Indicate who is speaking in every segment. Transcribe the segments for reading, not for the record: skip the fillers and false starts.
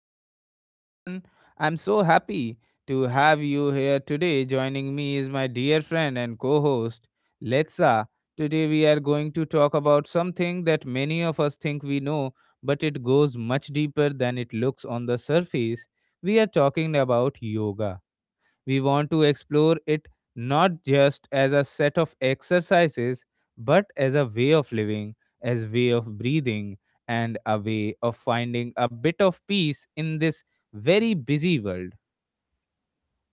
Speaker 1: to the show, everyone. I'm so happy to have you here today. Joining me is my dear friend and co host, Letsa. Today, we are going to talk about something that many of us think we know, but it goes much deeper than it looks on the surface. We are talking about yoga. We want to explore it not just as a set of exercises, but as a way of living, as way of breathing, and a way of finding a bit of peace in this very busy world.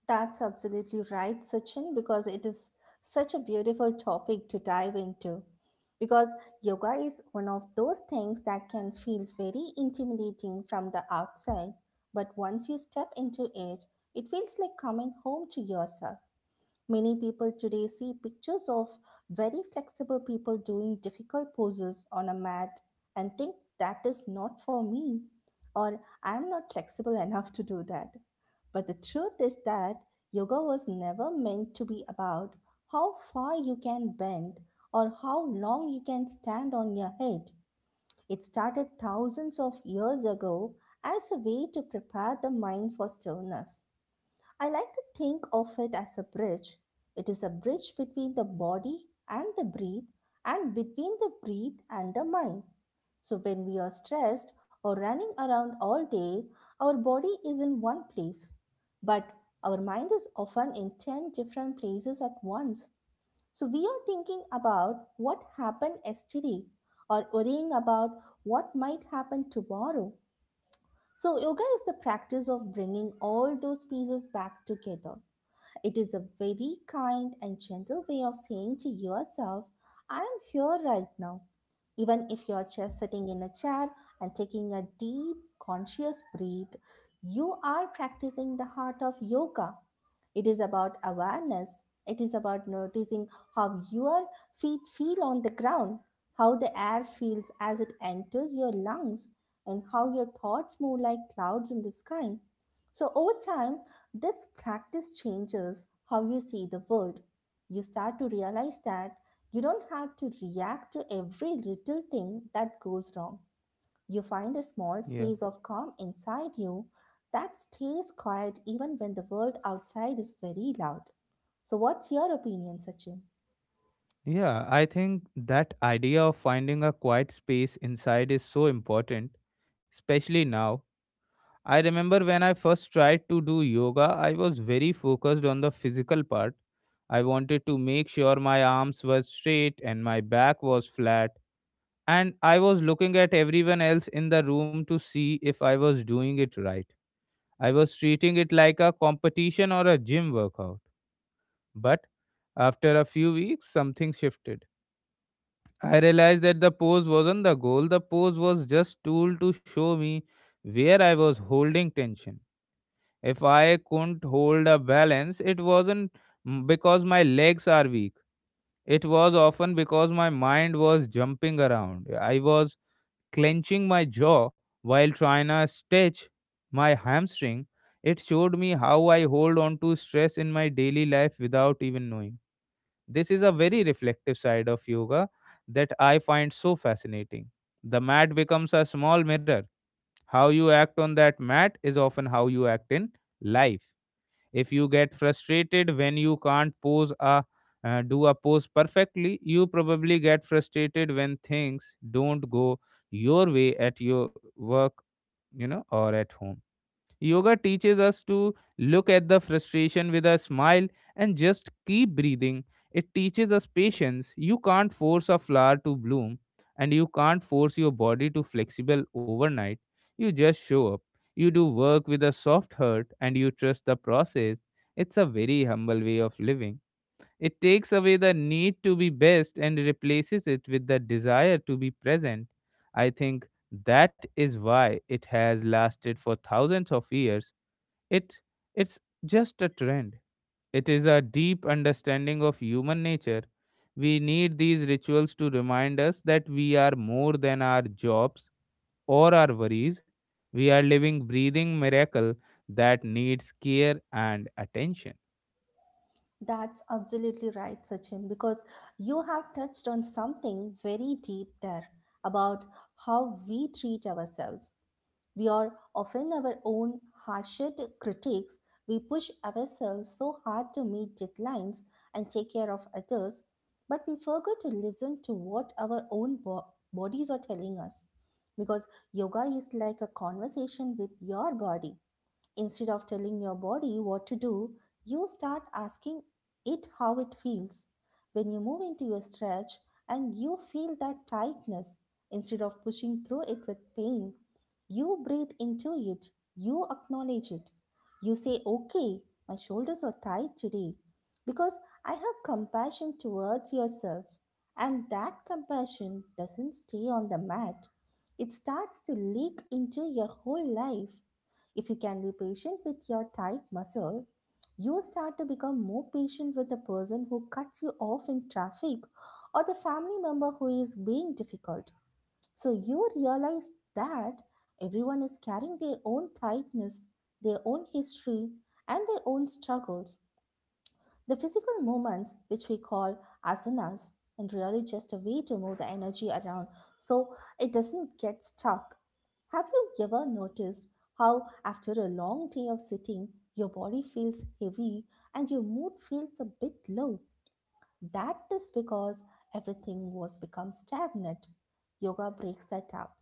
Speaker 2: That's absolutely right, Sachin, because it is such a beautiful topic to dive into. Because yoga is one of those things that can feel very intimidating from the outside, but once you step into it, it feels like coming home to yourself. Many people today see pictures of very flexible people doing difficult poses on a mat and think that is not for me or I am not flexible enough to do that. But the truth is that yoga was never meant to be about how far you can bend or how long you can stand on your head. It started thousands of years ago as a way to prepare the mind for stillness. I like to think of it as a bridge. It is a bridge between the body and the breath, and between the breath and the mind. So, when we are stressed or running around all day, our body is in one place, but our mind is often in 10 different places at once. So, we are thinking about what happened yesterday or worrying about what might happen tomorrow. So, yoga is the practice of bringing all those pieces back together. It is a very kind and gentle way of saying to yourself, I am here right now. Even if you're just sitting in a chair and taking a deep, conscious breath, you are practicing the heart of yoga. It is about awareness. It is about noticing how your feet feel on the ground, how the air feels as it enters your lungs, and how your thoughts move like clouds in the sky. So, over time, this practice changes how you see the world. You start to realize that you don't have to react to every little thing that goes wrong. You find a small
Speaker 1: Yeah.
Speaker 2: space of calm inside you that stays quiet even when the world outside is very loud. So, what's your opinion, Sachin?
Speaker 1: Yeah, I think that idea of finding a quiet space inside is so important, especially now. I remember when I first tried to do yoga, I was very focused on the physical part. I wanted to make sure my arms were straight and my back was flat, and I was looking at everyone else in the room to see if I was doing it right. I was treating it like a competition or a gym workout. But after a few weeks, something shifted. I realized that the pose wasn't the goal, the pose was just tool to show me where I was holding tension. If I couldn't hold a balance, it wasn't because my legs are weak. It was often because my mind was jumping around. I was clenching my jaw while trying to stretch my hamstring. It showed me how I hold on to stress in my daily life without even knowing. This is a very reflective side of yoga that I find so fascinating. The mat becomes a small mirror. How you act on that mat is often how you act in life. If you get frustrated when you can't pose a do a pose perfectly, you probably get frustrated when things don't go your way at your work, or at home. Yoga teaches us to look at the frustration with a smile and just keep breathing. It teaches us patience. You can't force a flower to bloom and you can't force your body to flexible overnight. You just show up. You do work with a soft heart and you trust the process. It's a very humble way of living. It takes away the need to be best and replaces it with the desire to be present. I think that is why it has lasted for thousands of years. It it's just a trend. It is a deep understanding of human nature. We need these rituals to remind us that we are more than our jobs or our worries. We are living breathing miracle that needs care and attention.
Speaker 2: That's absolutely right, Sachin, because you have touched on something very deep there about how we treat ourselves. We are often our own harshest critics. We push ourselves so hard to meet deadlines and take care of others, but we forget to listen to what our own bodies are telling us. Because yoga is like a conversation with your body. Instead of telling your body what to do, you start asking it how it feels. When you move into a stretch and you feel that tightness, instead of pushing through it with pain, you breathe into it, you acknowledge it. You say, okay, my shoulders are tight today, because I have compassion towards yourself. And that compassion doesn't stay on the mat, it starts to leak into your whole life. If you can be patient with your tight muscle, you start to become more patient with the person who cuts you off in traffic or the family member who is being difficult. So you realize that everyone is carrying their own tightness, their own history, and their own struggles. The physical movements, which we call asanas, and really just a way to move the energy around so it doesn't get stuck. Have you ever noticed how, after a long day of sitting, your body feels heavy and your mood feels a bit low? That is because everything was become stagnant. Yoga breaks that up.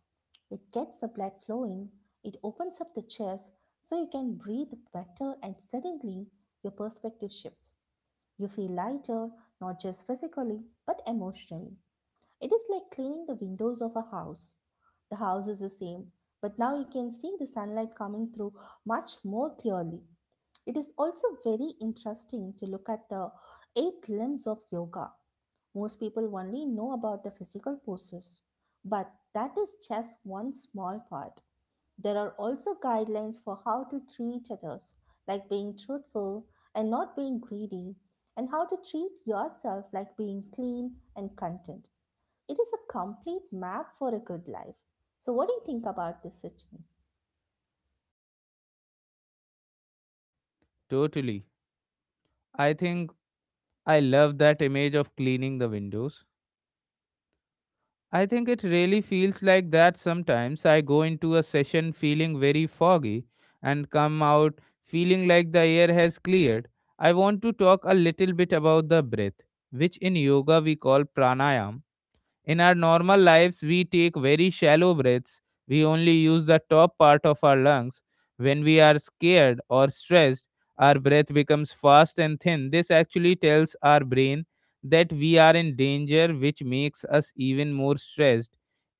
Speaker 2: It gets the blood flowing, it opens up the chest so you can breathe better, and suddenly your perspective shifts. You feel lighter, not just physically, but emotionally. It is like cleaning the windows of a house. The house is the same, but now you can see the sunlight coming through much more clearly. It is also very interesting to look at the eight limbs of yoga. Most people only know about the physical poses, but that is just one small part. There are also guidelines for how to treat others, like being truthful and not being greedy, and how to treat yourself, like being clean and content. It is a complete map for a good life. So, what do you think about this, Sachin?
Speaker 1: Totally. I think I love that image of cleaning the windows. I think it really feels like that sometimes. I go into a session feeling very foggy and come out feeling like the air has cleared. I want to talk a little bit about the breath, which in yoga we call pranayam. In our normal lives, we take very shallow breaths. We only use the top part of our lungs. When we are scared or stressed, our breath becomes fast and thin. This actually tells our brain that we are in danger, which makes us even more stressed.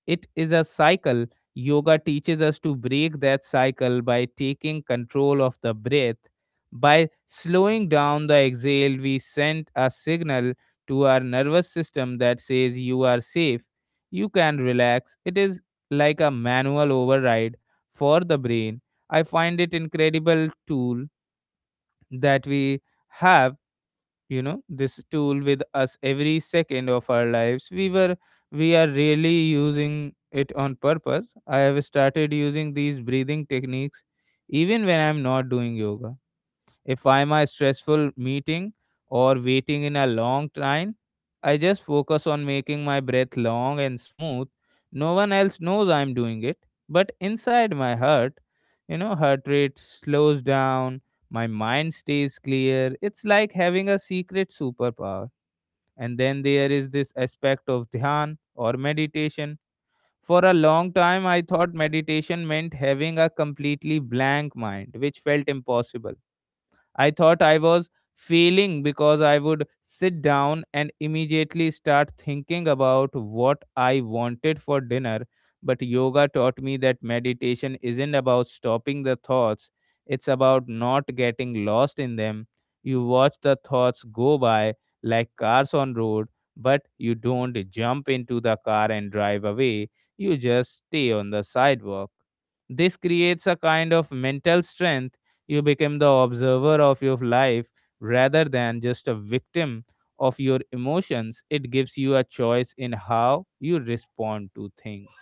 Speaker 1: It is a cycle. Yoga teaches us to break that cycle by taking control of the breath. By slowing down the exhale, we send a signal to our nervous system that says you are safe, you can relax. It is like a manual override for the brain. I find it incredible tool that we have, this tool with us every second of our lives. We were we are really using it on purpose. I have started using these breathing techniques even when I'm not doing yoga if I'm a stressful meeting or waiting in a long line, I just focus on making my breath long and smooth. No one else knows I'm doing it, but inside my heart, heart rate slows down, my mind stays clear. It's like having a secret superpower. And then there is this aspect of dhyan or meditation. For a long time, I thought meditation meant having a completely blank mind, which felt impossible. I thought I was failing because I would sit down and immediately start thinking about what I wanted for dinner. But yoga taught me that meditation isn't about stopping the thoughts, it's about not getting lost in them. You watch the thoughts go by like cars on road, but you don't jump into the car and drive away. You just stay on the sidewalk. This creates a kind of mental strength. You become the observer of your life rather than just a victim of your emotions. It gives you a choice in how you respond to things.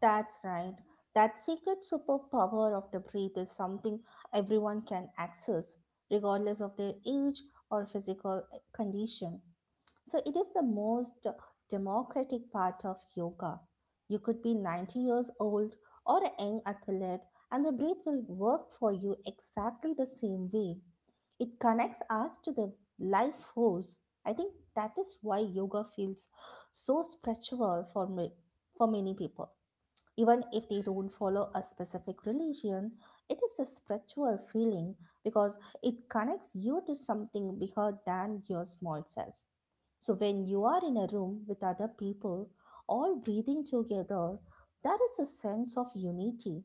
Speaker 2: That's right. That secret superpower of the breath is something everyone can access, regardless of their age or physical condition. So, it is the most democratic part of yoga. You could be 90 years old or a young athlete, and the breath will work for you exactly the same way. It connects us to the life force. I think that is why yoga feels so spiritual for me, for many people. Even if they don't follow a specific religion, it is a spiritual feeling because it connects you to something bigger than your small self. So, when you are in a room with other people, all breathing together, there is a sense of unity.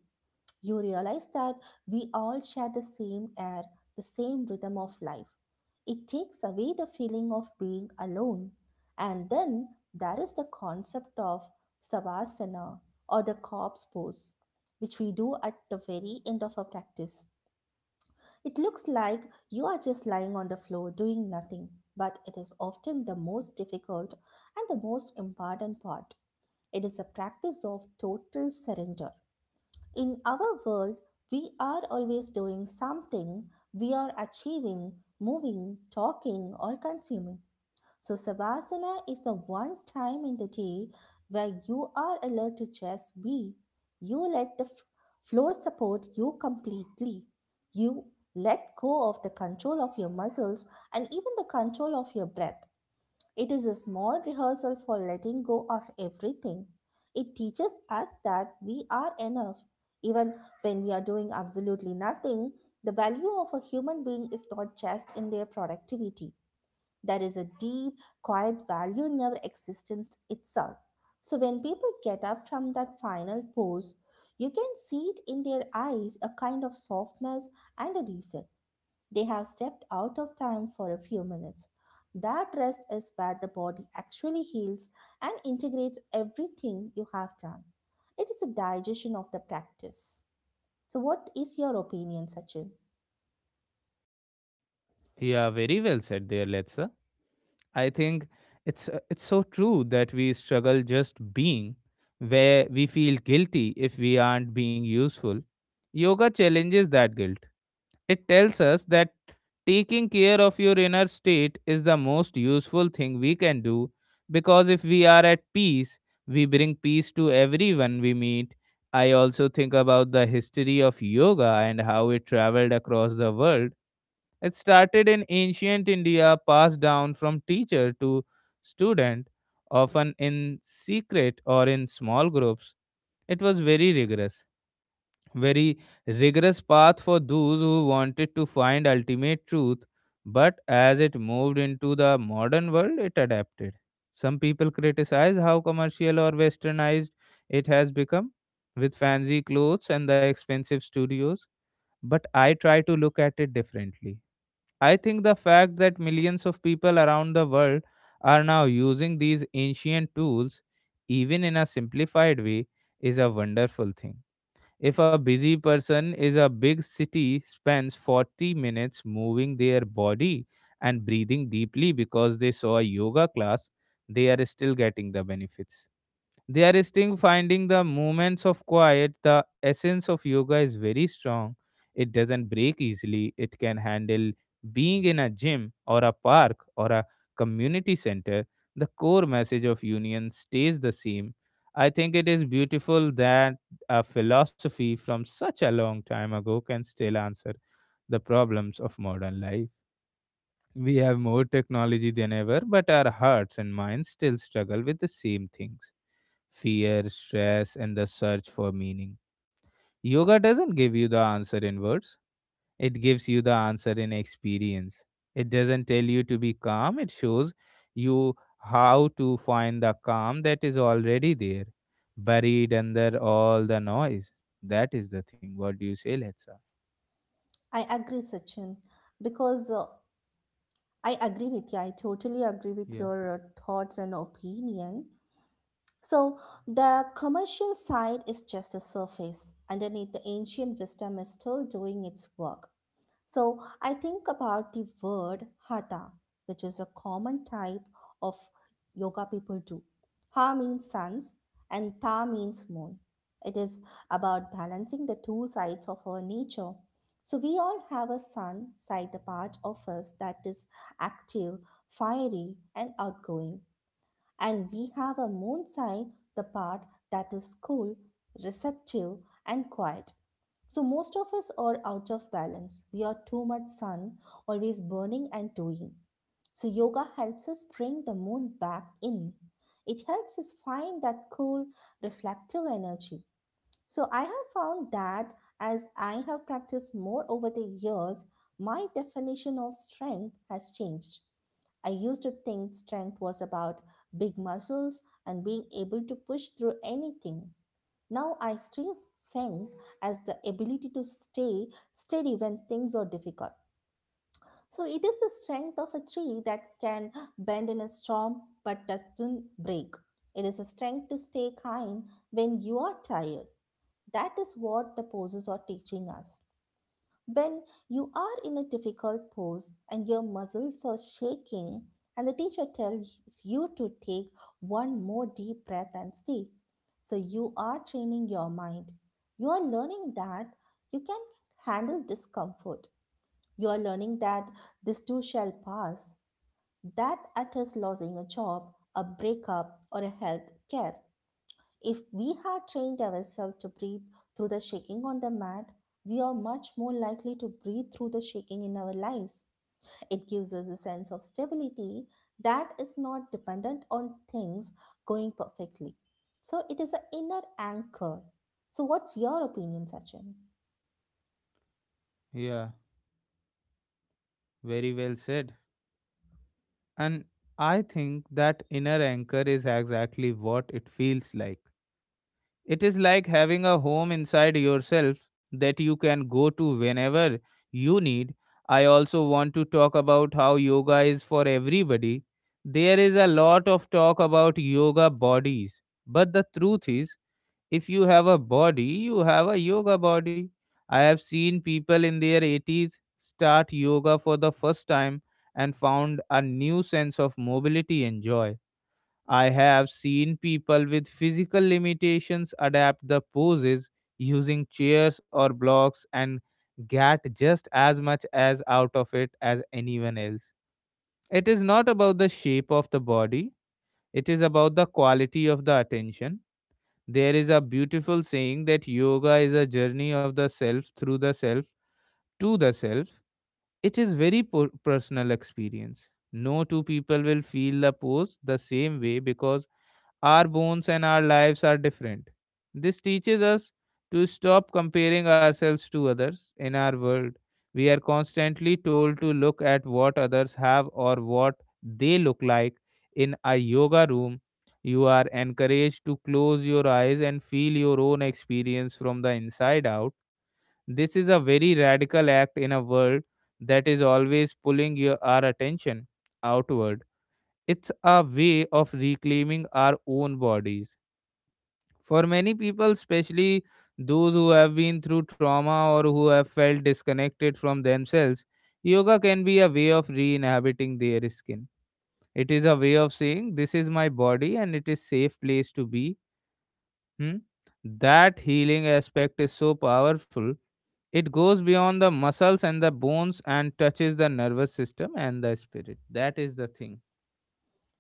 Speaker 2: You realize that we all share the same air, the same rhythm of life. It takes away the feeling of being alone. And then there is the concept of savasana, or the corpse pose, which we do at the very end of our practice. It looks like you are just lying on the floor doing nothing, but it is often the most difficult and the most important part. It is a practice of total surrender. In our world, we are always doing something, we are achieving, moving, talking, or consuming. So, savasana is the one time in the day where you are allowed to just be. You let the flow support you completely. You let go of the control of your muscles and even the control of your breath. It is a small rehearsal for letting go of everything. It teaches us that we are enough. Even when we are doing absolutely nothing, the value of a human being is not just in their productivity. There is a deep, quiet value in our existence itself. So when people get up from that final pose, you can see it in their eyes a kind of softness and a reset. They have stepped out of time for a few minutes. That rest is where the body actually heals and integrates everything you have done. It is a digestion of the practice. So, what is your opinion, Sachin?
Speaker 1: Yeah, very well said there, Letsa. I think it's so true that we struggle just being where we feel guilty if we aren't being useful. Yoga challenges that guilt. It tells us that taking care of your inner state is the most useful thing we can do because if we are at peace, we bring peace to everyone we meet. I also think about the history of yoga and how it traveled across the world. It started in ancient India, passed down from teacher to student, often in secret or in small groups. It was very rigorous path for those who wanted to find ultimate truth, but as it moved into the modern world, it adapted. Some people criticize how commercial or westernized it has become with fancy clothes and the expensive studios, but I try to look at it differently. I think the fact that millions of people around the world are now using these ancient tools, even in a simplified way, is a wonderful thing. If a busy person is a big city spends 40 minutes moving their body and breathing deeply because they saw a yoga class, they are still getting the benefits. They are still finding the moments of quiet. The essence of yoga is very strong. It doesn't break easily. It can handle being in a gym or a park or a community center. The core message of union stays the same. I think it is beautiful that a philosophy from such a long time ago can still answer the problems of modern life. We have more technology than ever, but our hearts and minds still struggle with the same things fear, stress, and the search for meaning. Yoga doesn't give you the answer in words, it gives you the answer in experience. It doesn't tell you to be calm, it shows you how to find the calm that is already there, buried under all the noise. That is the thing. What do you say, Letsa?
Speaker 2: I agree, Sachin, because I agree with you. I totally agree with
Speaker 1: Yeah,
Speaker 2: your thoughts and opinion. So, the commercial side is just a surface. Underneath, the ancient wisdom is still doing its work. So I think about the word hatha, which is a common type of yoga people do. Ha means suns and tha means moon. It is about balancing the two sides of our nature. So we all have a sun side, the part of us that is active, fiery, and outgoing, and we have a moon sign, the part that is cool, receptive, and quiet. So most of us are out of balance. We are too much sun, always burning and doing. So yoga helps us bring the moon back in. It helps us find that cool, reflective energy. So I have found that as I have practiced more over the years, my definition of strength has changed. I used to think strength was about big muscles and being able to push through anything. Now I see strength as the ability to stay steady when things are difficult. So it is the strength of a tree that can bend in a storm but doesn't break. It is a strength to stay kind when you are tired. That is what the poses are teaching us. When you are in a difficult pose and your muscles are shaking, and the teacher tells you to take one more deep breath and stay. So you are training your mind. You are learning that you can handle discomfort. You are learning that this too shall pass, that at us losing a job, a breakup, or a health care. If we had trained ourselves to breathe through the shaking on the mat, we are much more likely to breathe through the shaking in our lives. It gives us a sense of stability that is not dependent on things going perfectly. So it is an inner anchor. So what's your opinion, Sachin?
Speaker 1: yeah, very well said. And I think that inner anchor is exactly what it feels like. It is like having a home inside yourself that you can go to whenever you need. I also want to talk about how yoga is for everybody. There is a lot of talk about yoga bodies, but the truth is, if you have a body, you have a yoga body. I have seen people in their 80s start yoga for the first time and found a new sense of mobility and joy. I have seen people with physical limitations adapt the poses using chairs or blocks and get just as much as out of it as anyone else. It is not about the shape of the body, it is about the quality of the attention. There is a beautiful saying that yoga is a journey of the self through the self to the self. It is very personal experience. No two people will feel the pose the same way because our bones and our lives are different. This teaches us to stop comparing ourselves to others in our world. We are constantly told to look at what others have or what they look like. In a yoga room, you are encouraged to close your eyes and feel your own experience from the inside out. This is a very radical act in a world that is always pulling our attention outward. It's a way of reclaiming our own bodies for many people, especially those who have been through trauma or who have felt disconnected from themselves. Yoga can be a way of re inhabiting their skin. It is a way of saying, "This is my body and it is safe place to be." Hmm? That healing aspect is so powerful. It goes beyond the muscles and the bones and touches the nervous system and the spirit. That is the thing.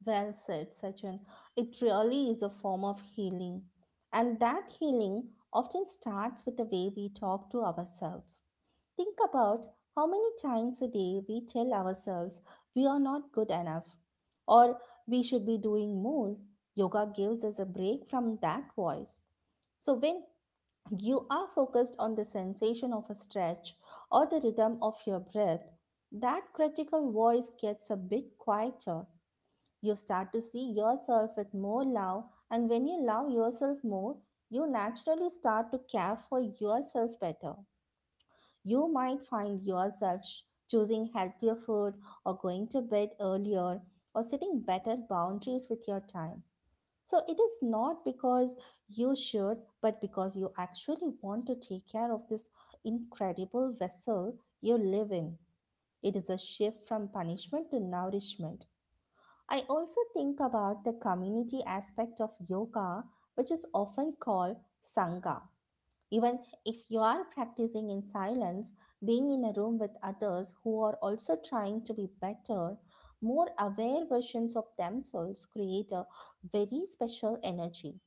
Speaker 2: Well said, Sachin. It really is a form of healing. And that healing often starts with the way we talk to ourselves. Think about how many times a day we tell ourselves we are not good enough or we should be doing more. Yoga gives us a break from that voice. So, when you are focused on the sensation of a stretch or the rhythm of your breath, that critical voice gets a bit quieter. You start to see yourself with more love, and when you love yourself more, you naturally start to care for yourself better. You might find yourself choosing healthier food or going to bed earlier or setting better boundaries with your time. So it is not because you should, but because you actually want to take care of this incredible vessel you live in. It is a shift from punishment to nourishment. I also think about the community aspect of yoga, which is often called Sangha. Even if you are practicing in silence, being in a room with others who are also trying to be better, more aware versions of themselves create a very special energy.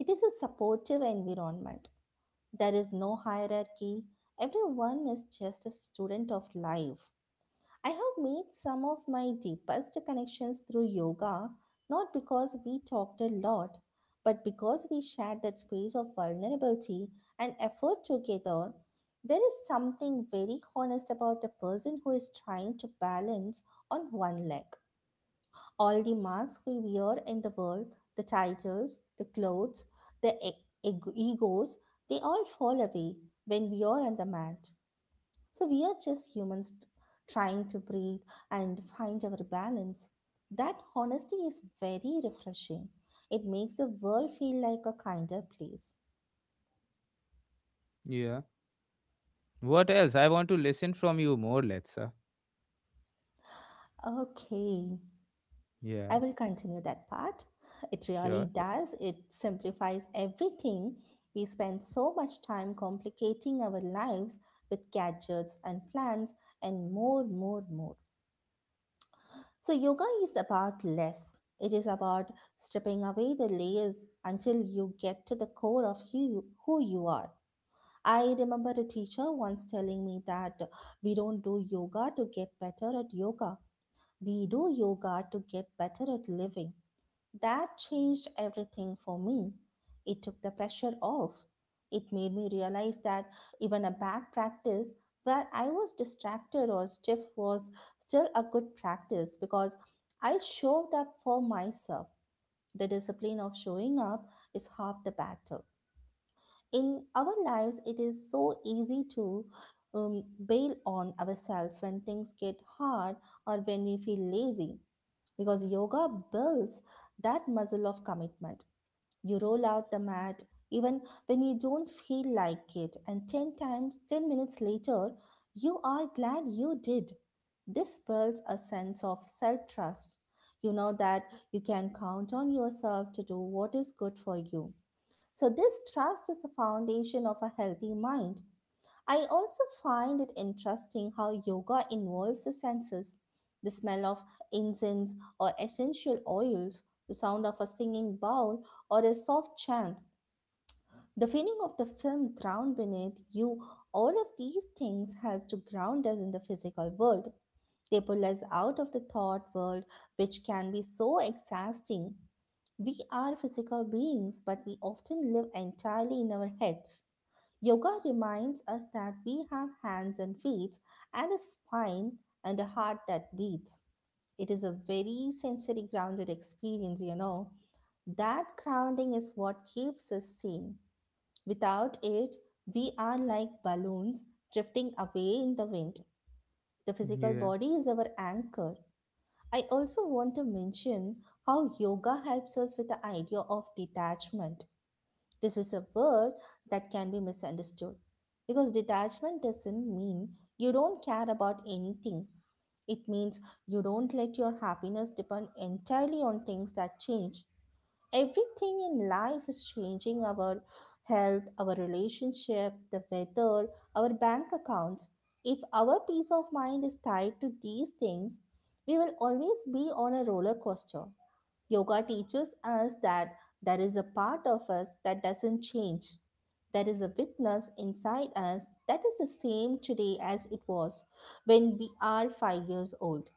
Speaker 2: It is a supportive environment. There is no hierarchy. Everyone is just a student of life. I have made some of my deepest connections through yoga, not because we talked a lot, but because we shared that space of vulnerability and effort together. There is something very honest about a person who is trying to balance on one leg. All the masks we wear in the world, the titles, the clothes, the egos, they all fall away when we are on the mat. So we are just humans trying to breathe and find our balance. That honesty is very refreshing. It makes the world feel like a kinder place.
Speaker 1: Yeah. What else? I want to listen from you more, Letsa.
Speaker 2: Okay,
Speaker 1: Yeah.
Speaker 2: I will continue that part. It really
Speaker 1: Sure.
Speaker 2: does. It simplifies everything. We spend so much time complicating our lives with gadgets and plans and more, more, more. So, yoga is about less. It is about stripping away the layers until you get to the core of who you are. I remember a teacher once telling me that we don't do yoga to get better at yoga. We do yoga to get better at living. That changed everything for me. It took the pressure off. It made me realize that even a bad practice where I was distracted or stiff was still a good practice because I showed up for myself. The discipline of showing up is half the battle. In our lives, it is so easy to bail on ourselves when things get hard or when we feel lazy because yoga builds that muscle of commitment. You roll out the mat even when you don't feel like it, and 10 minutes later, you are glad you did. This builds a sense of self trust. You know that you can count on yourself to do what is good for you. So, this trust is the foundation of a healthy mind. I also find it interesting how yoga involves the senses: the smell of incense or essential oils, the sound of a singing bowl, or a soft chant. The feeling of the film ground beneath you, all of these things help to ground us in the physical world. They pull us out of the thought world, which can be so exhausting. We are physical beings, but we often live entirely in our heads. Yoga reminds us that we have hands and feet, and a spine and a heart that beats. It is a very sensory grounded experience, you know. That grounding is what keeps us sane. Without it, we are like balloons drifting away in the wind. The physical
Speaker 1: Yeah.
Speaker 2: body is our anchor. I also want to mention how yoga helps us with the idea of detachment. This is a word that can be misunderstood because detachment doesn't mean you don't care about anything. It means you don't let your happiness depend entirely on things that change. Everything in life is changing: our health, our relationship, the weather, our bank accounts. If our peace of mind is tied to these things, we will always be on a roller coaster. Yoga teaches us that there is a part of us that doesn't change. There is a witness inside us that is the same today as it was when we are 5 years old.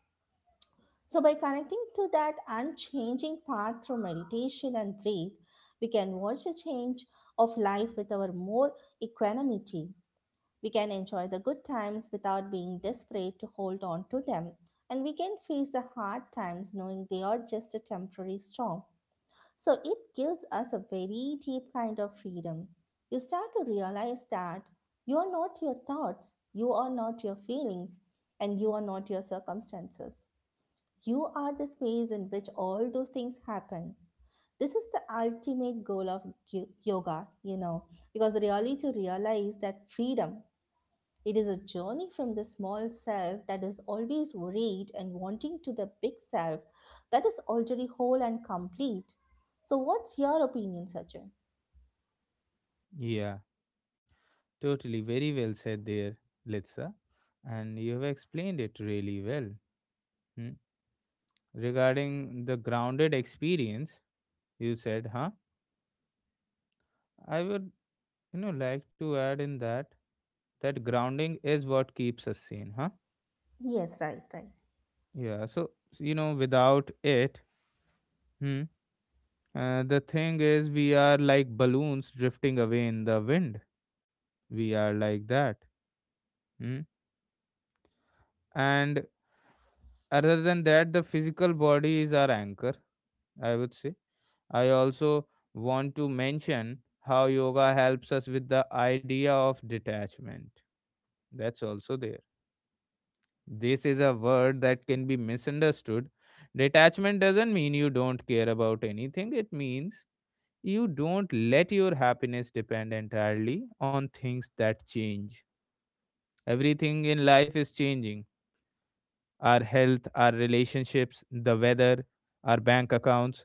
Speaker 2: So, by connecting to that unchanging path through meditation and breath, we can watch a change of life with our more equanimity. We can enjoy the good times without being desperate to hold on to them. And we can face the hard times knowing they are just a temporary storm. So, it gives us a very deep kind of freedom. You start to realize that you are not your thoughts, you are not your feelings, and you are not your circumstances. You are the space in which all those things happen. This is the ultimate goal of yoga, you know, because really to realize that freedom, it is a journey from the small self that is always worried and wanting to the big self that is already whole and complete. So, what's your opinion, Sachin?
Speaker 1: Yeah. Totally, very well said there, Litsa, and you have explained it really well. Hmm? Regarding the grounded experience, you said, huh? I would, like to add in that grounding is what keeps us sane, huh?
Speaker 2: Yes, right, right.
Speaker 1: Yeah. So without it, hmm, the thing is, we are like balloons drifting away in the wind. We are like that. Hmm? And other than that, the physical body is our anchor, I would say. I also want to mention how yoga helps us with the idea of detachment. That's also there. This is a word that can be misunderstood. Detachment doesn't mean you don't care about anything, it means you don't let your happiness depend entirely on things that change. Everything in life is changing: our health, our relationships, the weather, our bank accounts.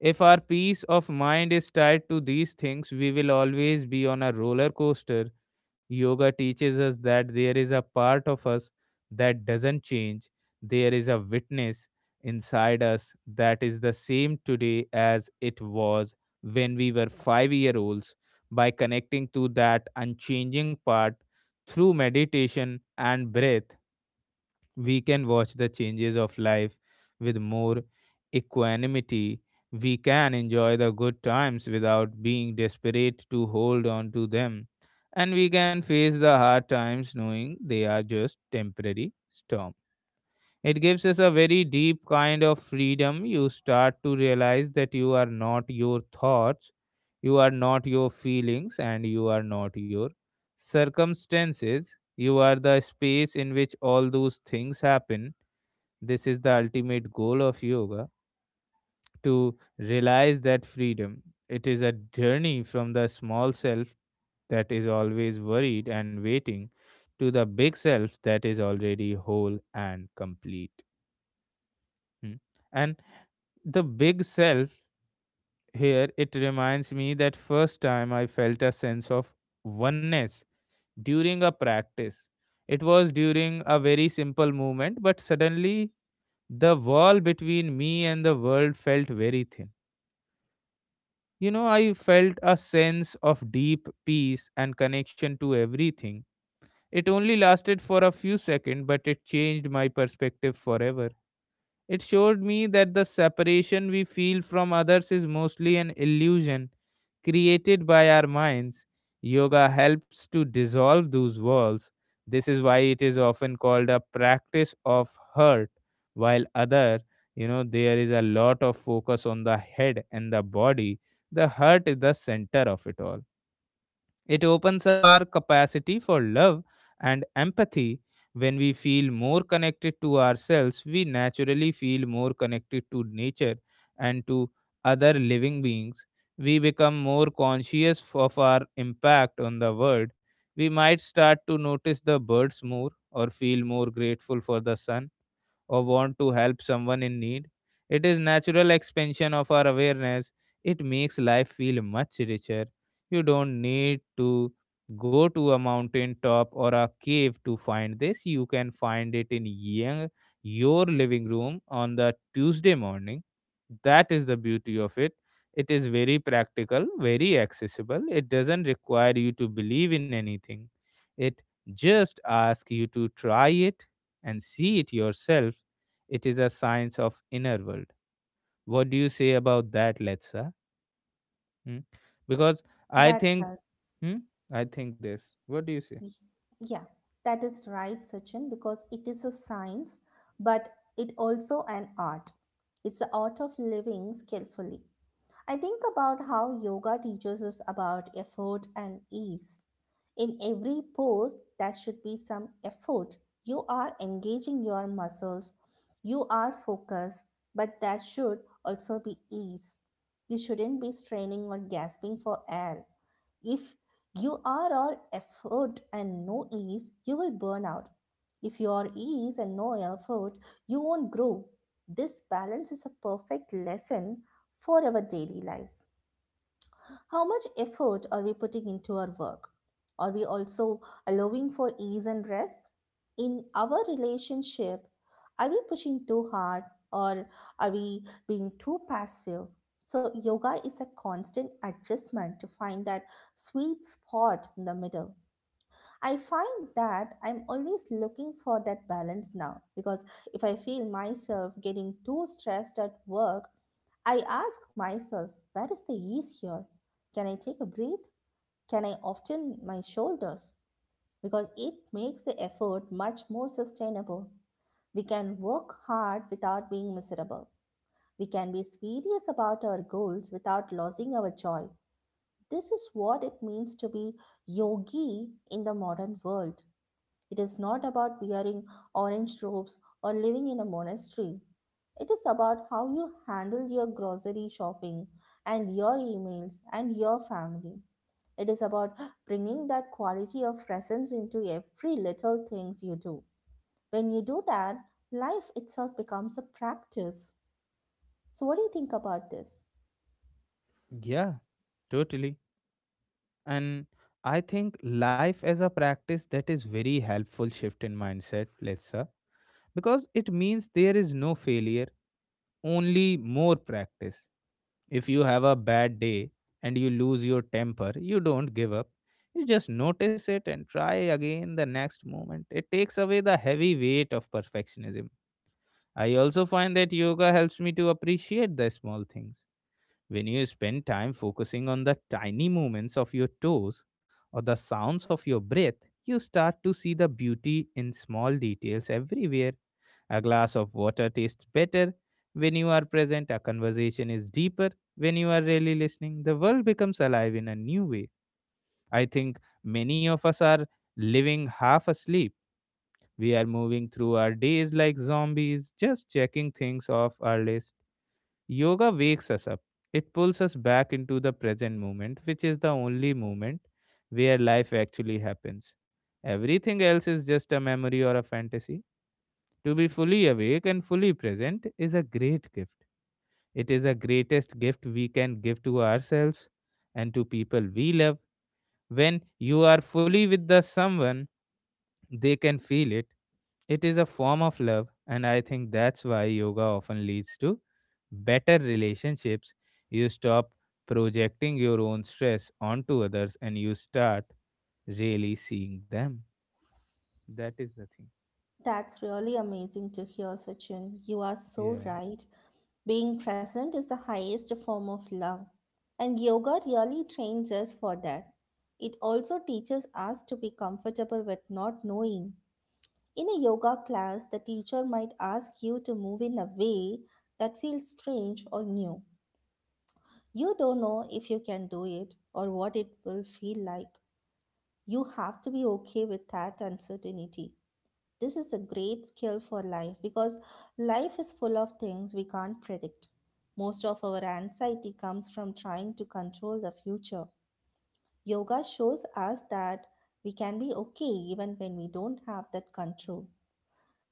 Speaker 1: If our peace of mind is tied to these things, we will always be on a roller coaster. Yoga teaches us that there is a part of us that doesn't change. There is a witness inside us that is the same today as it was when we were 5-year-olds olds. By connecting to that unchanging part through meditation and breath, we can watch the changes of life with more equanimity. We can enjoy the good times without being desperate to hold on to them. And we can face the hard times, knowing they are just temporary storm. It gives us a very deep kind of freedom. You start to realize that you are not your thoughts, you are not your feelings, and you are not your circumstances. You are the space in which all those things happen. This is the ultimate goal of yoga, to realize that freedom. It is a journey from the small self that is always worried and waiting to the big self that is already whole and complete. Hmm. And the big self here, it reminds me that first time I felt a sense of oneness during a practice. It was during a very simple movement, but suddenly the wall between me and the world felt very thin. I felt a sense of deep peace and connection to everything. It only lasted for a few seconds, but it changed my perspective forever. It showed me that the separation we feel from others is mostly an illusion created by our minds. Yoga helps to dissolve those walls. This is why it is often called a practice of hurt, while other, there is a lot of focus on the head and the body. The hurt is the center of it all. It opens up our capacity for love and empathy. When we feel more connected to ourselves, we naturally feel more connected to nature and to other living beings. We become more conscious of our impact on the world. We might start to notice the birds more, or feel more grateful for the sun, or want to help someone in need. It is natural expansion of our awareness. It makes life feel much richer. You don't need to go to a mountain top or a cave to find this. You can find it in young, your living room on the Tuesday morning. That is the beauty of it. It is very practical, very accessible. It doesn't require you to believe in anything. It just asks you to try it and see it yourself. It is a science of inner world. What do you say about that, Letsa? Hmm? Because I
Speaker 2: That's
Speaker 1: think,
Speaker 2: right.
Speaker 1: hmm? I think this. What do you say?
Speaker 2: Y- Yeah, that is right, Sachin, because it is a science, but it also an art. It's the art of living skillfully. I think about how yoga teaches us about effort and ease. In every pose, there should be some effort. You are engaging your muscles, you are focused, but there should also be ease. You shouldn't be straining or gasping for air. If you are all effort and no ease, you will burn out. If you are ease and no effort, you won't grow. This balance is a perfect lesson for our daily lives. How much effort are we putting into our work? Are we also allowing for ease and rest? In our relationship, are we pushing too hard or are we being too passive? So, yoga is a constant adjustment to find that sweet spot in the middle. I find that I'm always looking for that balance now because if I feel myself getting too stressed at work, I ask myself, where is the ease here? Can I take a breath? Can I often my shoulders? Because it makes the effort much more sustainable. We can work hard without being miserable. We can be serious about our goals without losing our joy. This is what it means to be yogi in the modern world. It is not about wearing orange robes or living in a monastery. It is about how you handle your grocery shopping and your emails and your family. It is about bringing that quality of presence into every little things you do. When you do that, life itself becomes a practice. So what do you think about this?
Speaker 1: Yeah, totally. And I think life as a practice, that is very helpful shift in mindset, Letsa, because it means there is no failure, only more practice. If you have a bad day and you lose your temper, you don't give up. You just notice it and try again the next moment. It takes away the heavy weight of perfectionism. I also find that yoga helps me to appreciate the small things. When you spend time focusing on the tiny movements of your toes or the sounds of your breath, you start to see the beauty in small details everywhere. A glass of water tastes better when you are present, a conversation is deeper when you are really listening. The world becomes alive in a new way. I think many of us are living half asleep. We are moving through our days like zombies, just checking things off our list. Yoga wakes us up. It pulls us back into the present moment, which is the only moment where life actually happens. Everything else is just a memory or a fantasy. To be fully awake and fully present is a great gift. It is the greatest gift we can give to ourselves and to people we love. When you are fully with the someone, they can feel it. It is a form of love, and I think that's why yoga often leads to better relationships. You stop projecting your own stress onto others and you start really seeing them. That is the thing.
Speaker 2: That's really amazing to hear, Sachin. You are so
Speaker 1: Yeah.
Speaker 2: right. Being present is the highest form of love, and yoga really trains us for that. It also teaches us to be comfortable with not knowing. In a yoga class, the teacher might ask you to move in a way that feels strange or new. You don't know if you can do it or what it will feel like. You have to be okay with that uncertainty. This is a great skill for life because life is full of things we can't predict. Most of our anxiety comes from trying to control the future. Yoga shows us that we can be okay even when we don't have that control.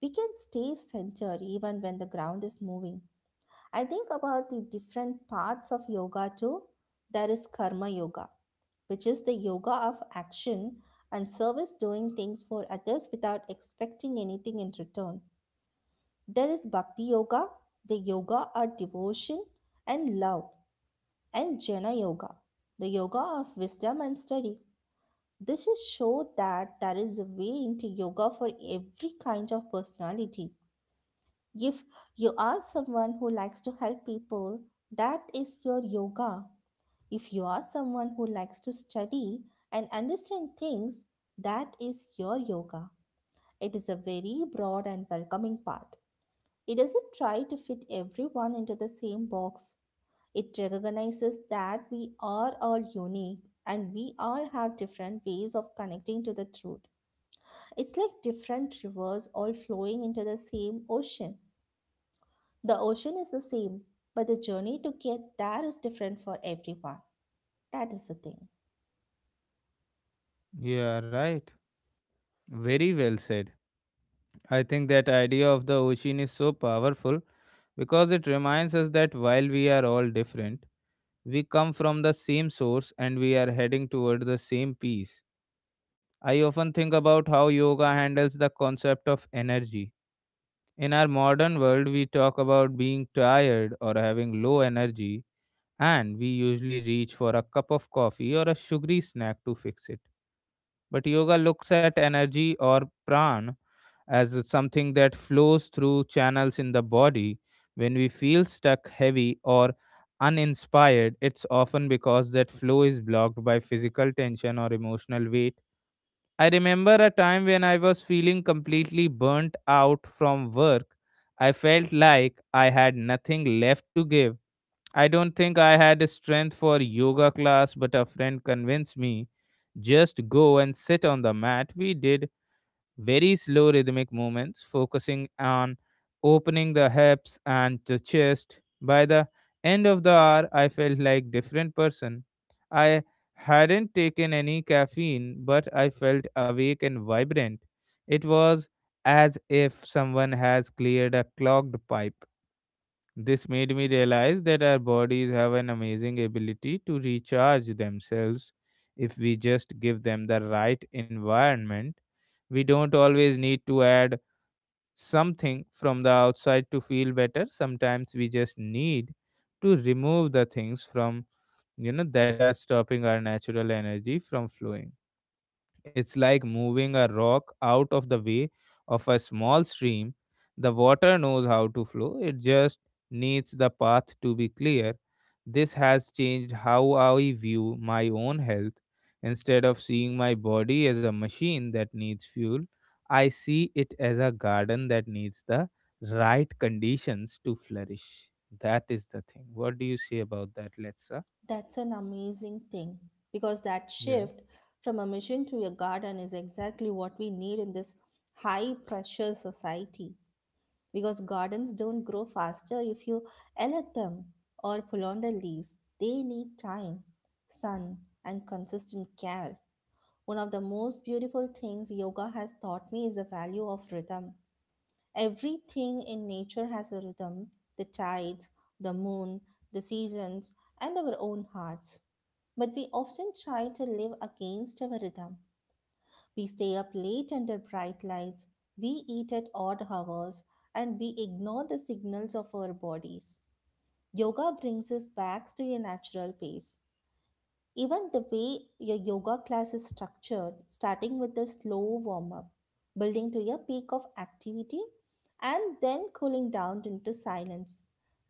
Speaker 2: We can stay centered even when the ground is moving. I think about the different parts of yoga too. There is karma yoga, which is the yoga of action and service, doing things for others without expecting anything in return. There is Bhakti Yoga, the yoga of devotion and love, and Jnana Yoga, the yoga of wisdom and study. This is show that there is a way into yoga for every kind of personality. If you are someone who likes to help people, that is your yoga. If you are someone who likes to study and understand things, that is your yoga. It is a very broad and welcoming path. It doesn't try to fit everyone into the same box. It recognizes that we are all unique and we all have different ways of connecting to the truth. It's like different rivers all flowing into the same ocean. The ocean is the same, but the journey to get there is different for everyone. That is the thing.
Speaker 1: Yeah, right. Very well said. I think that idea of the ocean is so powerful because it reminds us that while we are all different, we come from the same source and we are heading toward the same peace. I often think about how yoga handles the concept of energy. In our modern world, we talk about being tired or having low energy, and we usually reach for a cup of coffee or a sugary snack to fix it. But yoga looks at energy, or pran, as something that flows through channels in the body. When we feel stuck, heavy, or uninspired, it's often because that flow is blocked by physical tension or emotional weight. I remember a time when I was feeling completely burnt out from work. I felt like I had nothing left to give. I don't think I had strength for yoga class, but a friend convinced me, just go and sit on the mat. We did very slow rhythmic movements, focusing on opening the hips and the chest. By the end of the hour, I felt like different person. I hadn't taken any caffeine, but I felt awake and vibrant. It was as if someone has cleared a clogged pipe. This made me realize that our bodies have an amazing ability to recharge themselves if we just give them the right environment. We don't always need to add something from the outside to feel better. Sometimes we just need to remove the things from that are stopping our natural energy from flowing. It's like moving a rock out of the way of a small stream. The water knows how to flow, it just needs the path to be clear. This has changed how I view my own health. Instead of seeing my body as a machine that needs fuel, I see it as a garden that needs the right conditions to flourish. That is the thing. What do you say about that, Letsa?
Speaker 2: That's an amazing thing because that
Speaker 1: Yeah.
Speaker 2: shift from a mission to a garden is exactly what we need in this high pressure society, because gardens don't grow faster if you yell at them or pull on the leaves. They need time, sun, and consistent care. One of the most beautiful things yoga has taught me is the value of rhythm. Everything in nature has a rhythm: the tides, the moon, the seasons, and our own hearts. But we often try to live against our rhythm. We stay up late under bright lights, we eat at odd hours, and we ignore the signals of our bodies. Yoga brings us back to a natural pace. Even the way your yoga class is structured, starting with a slow warm up, building to a peak of activity, and then cooling down into silence,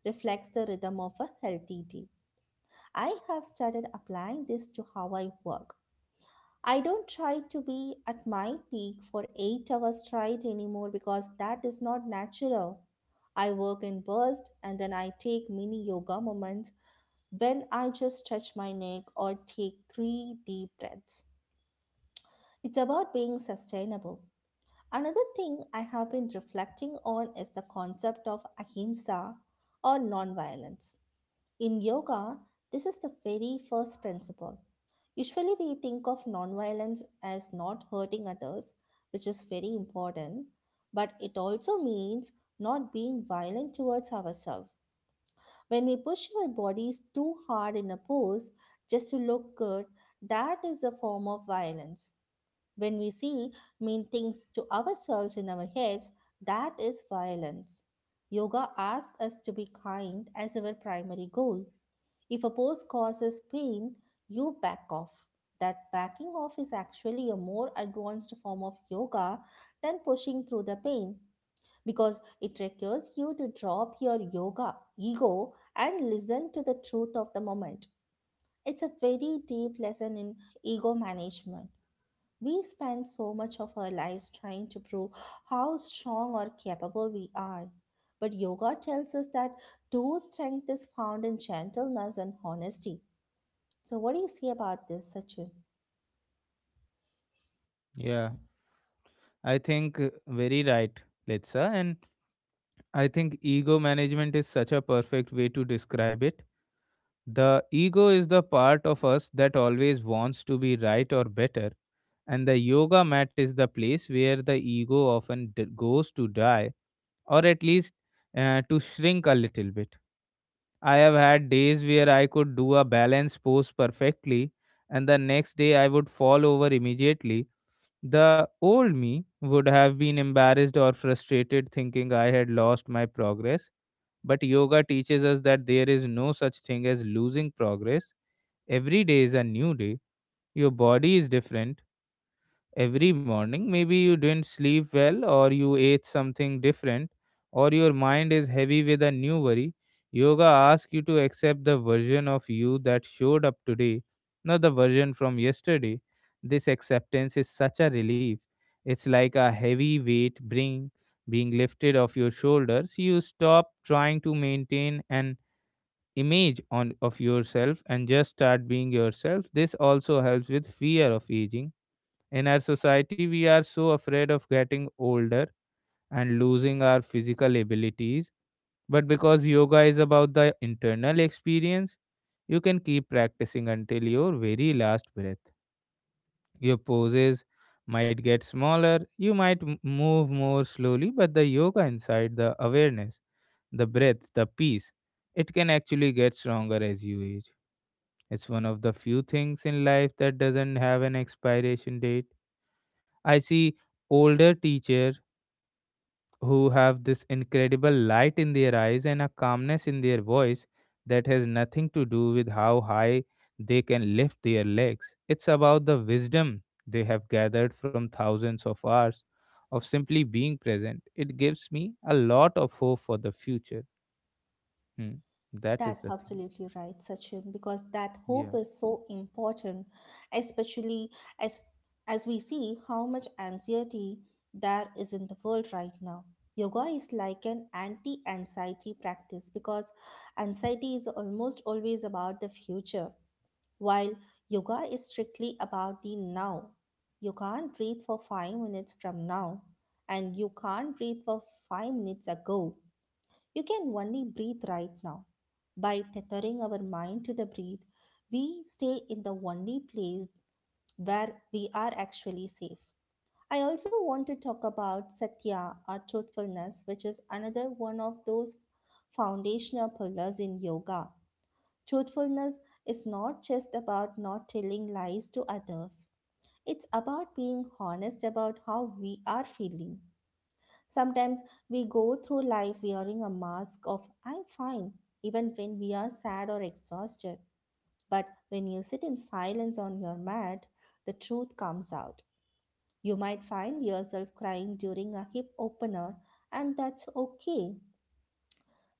Speaker 2: reflects the rhythm of a healthy day. I have started applying this to how I work. I don't try to be at my peak for 8 hours straight anymore because that is not natural. I work in bursts and then I take mini yoga moments when I just stretch my neck or take 3 deep breaths. It's about being sustainable. Another thing I have been reflecting on is the concept of ahimsa or nonviolence. In yoga, this is the very first principle. Usually, we think of nonviolence as not hurting others, which is very important, but it also means not being violent towards ourselves. When we push our bodies too hard in a pose just to look good, that is a form of violence. When we say mean things to ourselves in our heads, that is violence. Yoga asks us to be kind as our primary goal. If a post causes pain, you back off. That backing off is actually a more advanced form of yoga than pushing through the pain because it requires you to drop your yoga ego and listen to the truth of the moment. It's a very deep lesson in ego management. We spend so much of our lives trying to prove how strong or capable we are. But yoga tells us that true strength is found in gentleness and honesty. So, what do you see about this, Sachin?
Speaker 1: Yeah, I think very right, Litsa. And. I think ego management is such a perfect way to describe it. The ego is the part of us that always wants to be right or better, and the yoga mat is the place where the ego often goes to die, or at least to shrink a little bit. I have had days where I could do a balance pose perfectly, and the next day I would fall over immediately. The old me would have been embarrassed or frustrated, thinking I had lost my progress. But yoga teaches us that there is no such thing as losing progress. Every day is a new day. Your body is different every morning. Maybe you didn't sleep well, or you ate something different, or your mind is heavy with a new worry. Yoga asks you to accept the version of you that showed up today, not the version from yesterday. This acceptance is such a relief. It's like a heavy weight being lifted off your shoulders. You stop trying to maintain an image on of yourself and just start being yourself. This also helps with fear of aging. In our society, we are so afraid of getting older and losing our physical abilities. But because yoga is about the internal experience, you can keep practicing until your very last breath. Your poses might get smaller, you might move more slowly, but the yoga inside, the awareness, the breath, the peace, it can actually get stronger as you age. It's one of the few things in life that doesn't have an expiration date. I see older teachers who have this incredible light in their eyes and a calmness in their voice that has nothing to do with how high they can lift their legs. It's about the wisdom they have gathered from thousands of hours of simply being present. It gives me a lot of hope for the future. Hmm. That is
Speaker 2: That's
Speaker 1: the thing.
Speaker 2: absolutely right, Sachin, because that hope
Speaker 1: Yeah.
Speaker 2: is so important, especially as as we see how much anxiety there is in the world right now. Yoga is like an anti-anxiety practice because anxiety is almost always about the future, while yoga is strictly about the now. You can't breathe for 5 minutes from now, and you can't breathe for 5 minutes ago. You can only breathe right now. By tethering our mind to the breath, we stay in the only place where we are actually safe. I also want to talk about satya, or truthfulness, which is another one of those foundational pillars in yoga. Truthfulness is not just about not telling lies to others, it's about being honest about how we are feeling. Sometimes we go through life wearing a mask of "I'm fine," even when we are sad or exhausted. But when you sit in silence on your mat, the truth comes out. You might find yourself crying during a hip opener, and that's okay.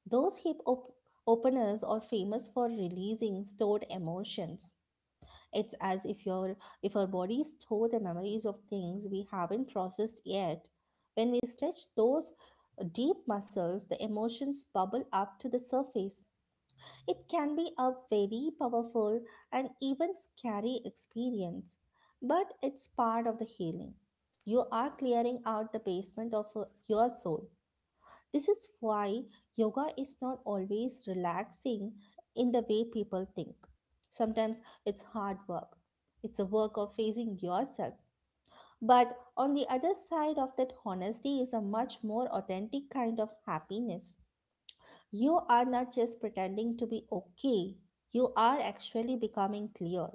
Speaker 2: Those openers are famous for releasing stored emotions. It's as if your if our bodies store the memories of things we haven't processed yet. When we stretch those deep muscles, the emotions bubble up to the surface. It can be a very powerful and even scary experience, but it's part of the healing. You are clearing out the basement of your soul. This is why yoga is not always relaxing in the way people think. Sometimes it's hard work, it's a work of facing yourself. But on the other side of that honesty is a much more authentic kind of happiness. You are not just pretending to be okay, you are actually becoming clear.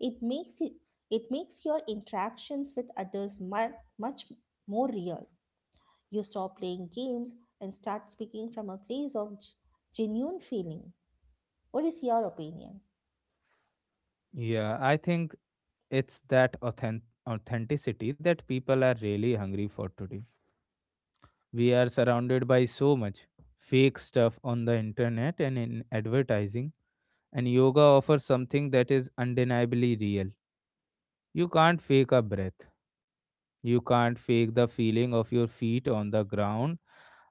Speaker 2: It makes it it makes your interactions with others much more real. You stop playing games and start speaking from a place of genuine feeling. What is your opinion?
Speaker 1: Yeah. I think it's that authentic authenticity that people are really hungry for today. We are surrounded by so much fake stuff on the internet and in advertising, and yoga offers something that is undeniably real. You can't fake a breath. You can't fake the feeling of your feet on the ground.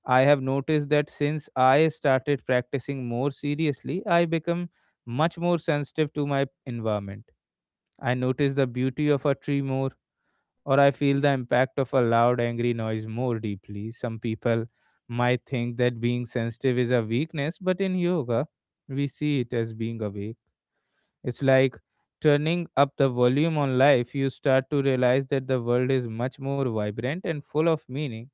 Speaker 1: I have noticed that since I started practicing more seriously, I become much more sensitive to my environment. I notice the beauty of a tree more, or I feel the impact of a loud, angry noise more deeply. Some people might think that being sensitive is a weakness, but in yoga, we see it as being awake. It's like turning up the volume on life. You start to realize that the world is much more vibrant and full of meaning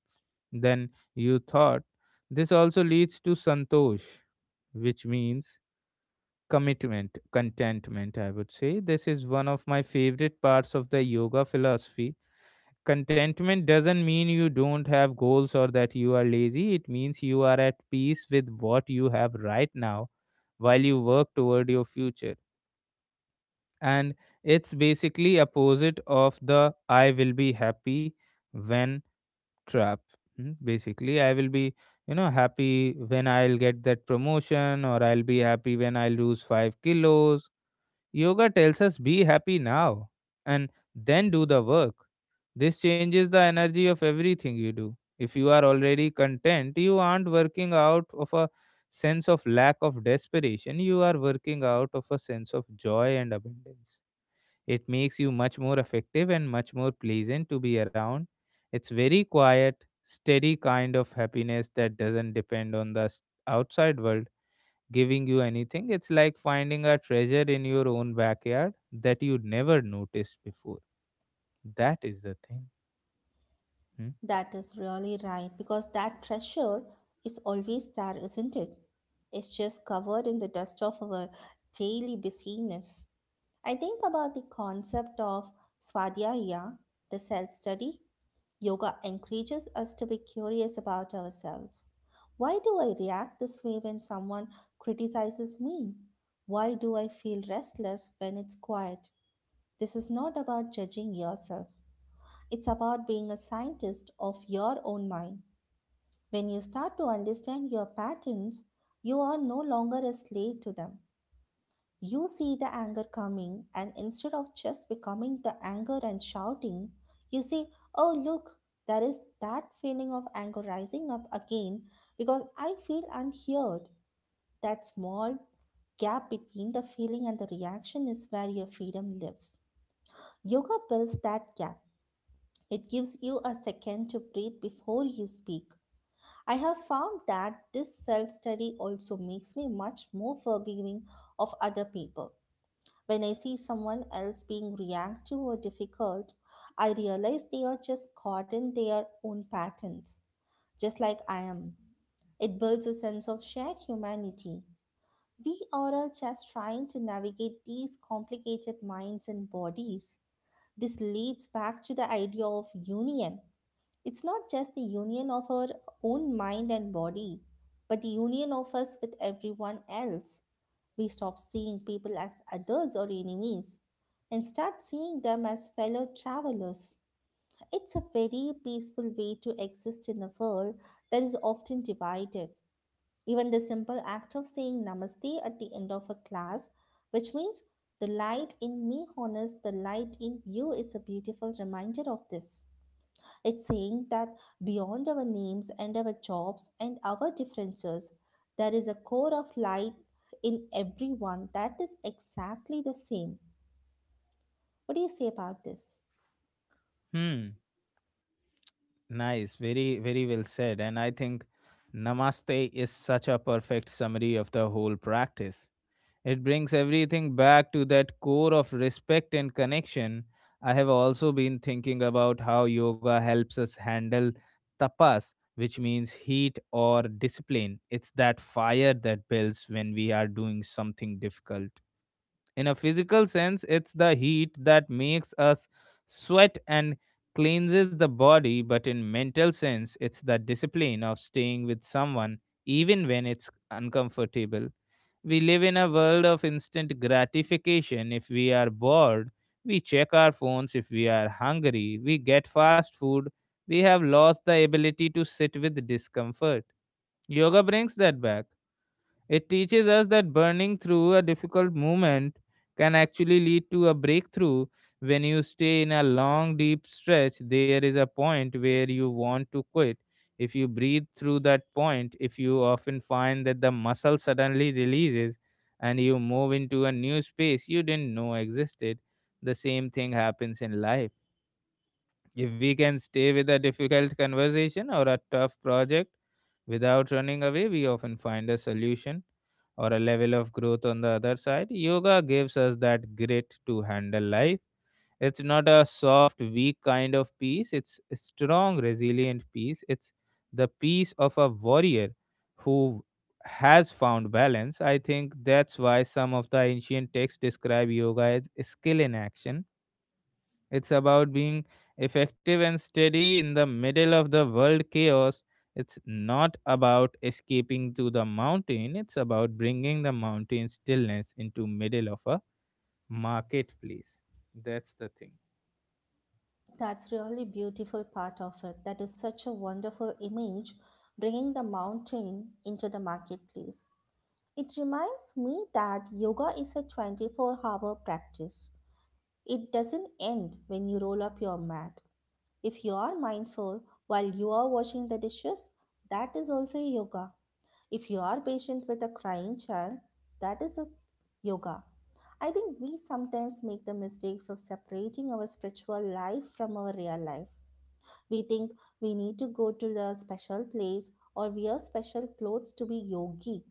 Speaker 1: than you thought. This also leads to santosh, which means commitment, contentment, I would say. This is one of my favorite parts of the yoga philosophy. Contentment doesn't mean you don't have goals or that you are lazy. It means you are at peace with what you have right now while you work toward your future. And it's basically opposite of the I will be happy when trap. Hmm. Basically, I will be, happy when I'll get that promotion, or I'll be happy when I lose 5 kilos. Yoga tells us be happy now and then do the work. This changes the energy of everything you do. If you are already content, you aren't working out of a sense of lack of desperation, you are working out of a sense of joy and abundance. It makes you much more effective and much more pleasant to be around. It's very quiet, steady kind of happiness that doesn't depend on the outside world giving you anything. It's like finding a treasure in your own backyard that you never noticed before. That is the thing. Hmm.
Speaker 2: That is really right because that treasure is always there, isn't it? It's just covered in the dust of our daily busyness. I think about the concept of Swadhyaya, the self study. Yoga encourages us to be curious about ourselves. Why do I react this way when someone criticizes me? Why do I feel restless when it's quiet? This is not about judging yourself. It's about being a scientist of your own mind. When you start to understand your patterns, you are no longer a slave to them. You see the anger coming, and instead of just becoming the anger and shouting, you say, "Oh, look, there is that feeling of anger rising up again because I feel unheard." That small gap between the feeling and the reaction is where your freedom lives. Yoga builds that gap. It gives you a second to breathe before you speak. I have found that this self study also makes me much more forgiving of other people. When I see someone else being reactive or difficult, I realize they are just caught in their own patterns, just like I am. It builds a sense of shared humanity. We are all just trying to navigate these complicated minds and bodies. This leads back to the idea of union. It's not just the union of our own mind and body, but the union of us with everyone else. We stop seeing people as others or enemies and start seeing them as fellow travelers. It's a very peaceful way to exist in a world that is often divided. Even the simple act of saying namaste at the end of a class, which means "the light in me honors the light in you," is a beautiful reminder of this. It's saying that beyond our names and our jobs and our differences, there is a core of light in everyone that is exactly the same. What do you say about this?
Speaker 1: Hmm. Nice. Very, very well said. And I think namaste is such a perfect summary of the whole practice. It brings everything back to that core of respect and connection. I have also been thinking about how yoga helps us handle tapas, which means heat or discipline. It's that fire that builds when we are doing something difficult. In a physical sense, it's the heat that makes us sweat and cleanses the body, but in mental sense, it's the discipline of staying with someone even when it's uncomfortable. We live in a world of instant gratification. If we are bored, we check our phones. If we are hungry, we get fast food. We have lost the ability to sit with discomfort. Yoga brings that back. It teaches us that burning through a difficult moment can actually lead to a breakthrough. When you stay in a long, deep stretch, there is a point where you want to quit. If you breathe through that point, if you often find that the muscle suddenly releases and you move into a new space you didn't know existed, the same thing happens in life. If we can stay with a difficult conversation or a tough project without running away, we often find a solution or a level of growth on the other side. Yoga gives us that grit to handle life. It's not a soft, weak kind of peace, it's a strong, resilient peace. It's the peace of a warrior who has found balance. I think that's why some of the ancient texts describe yoga as skill in action. It's about being effective and steady in the middle of the world chaos. It's not about escaping to the mountain. It's about bringing the mountain stillness into middle of a marketplace. That's the thing.
Speaker 2: That's really beautiful part of it. That is such a wonderful image, bringing the mountain into the marketplace. It reminds me that yoga is a 24-hour practice. It doesn't end when you roll up your mat. If you are mindful while you are washing the dishes, that is also a yoga. If you are patient with a crying child, that is a yoga. I think we sometimes make the mistakes of separating our spiritual life from our real life. We think we need to go to the special place or wear special clothes to be yogic.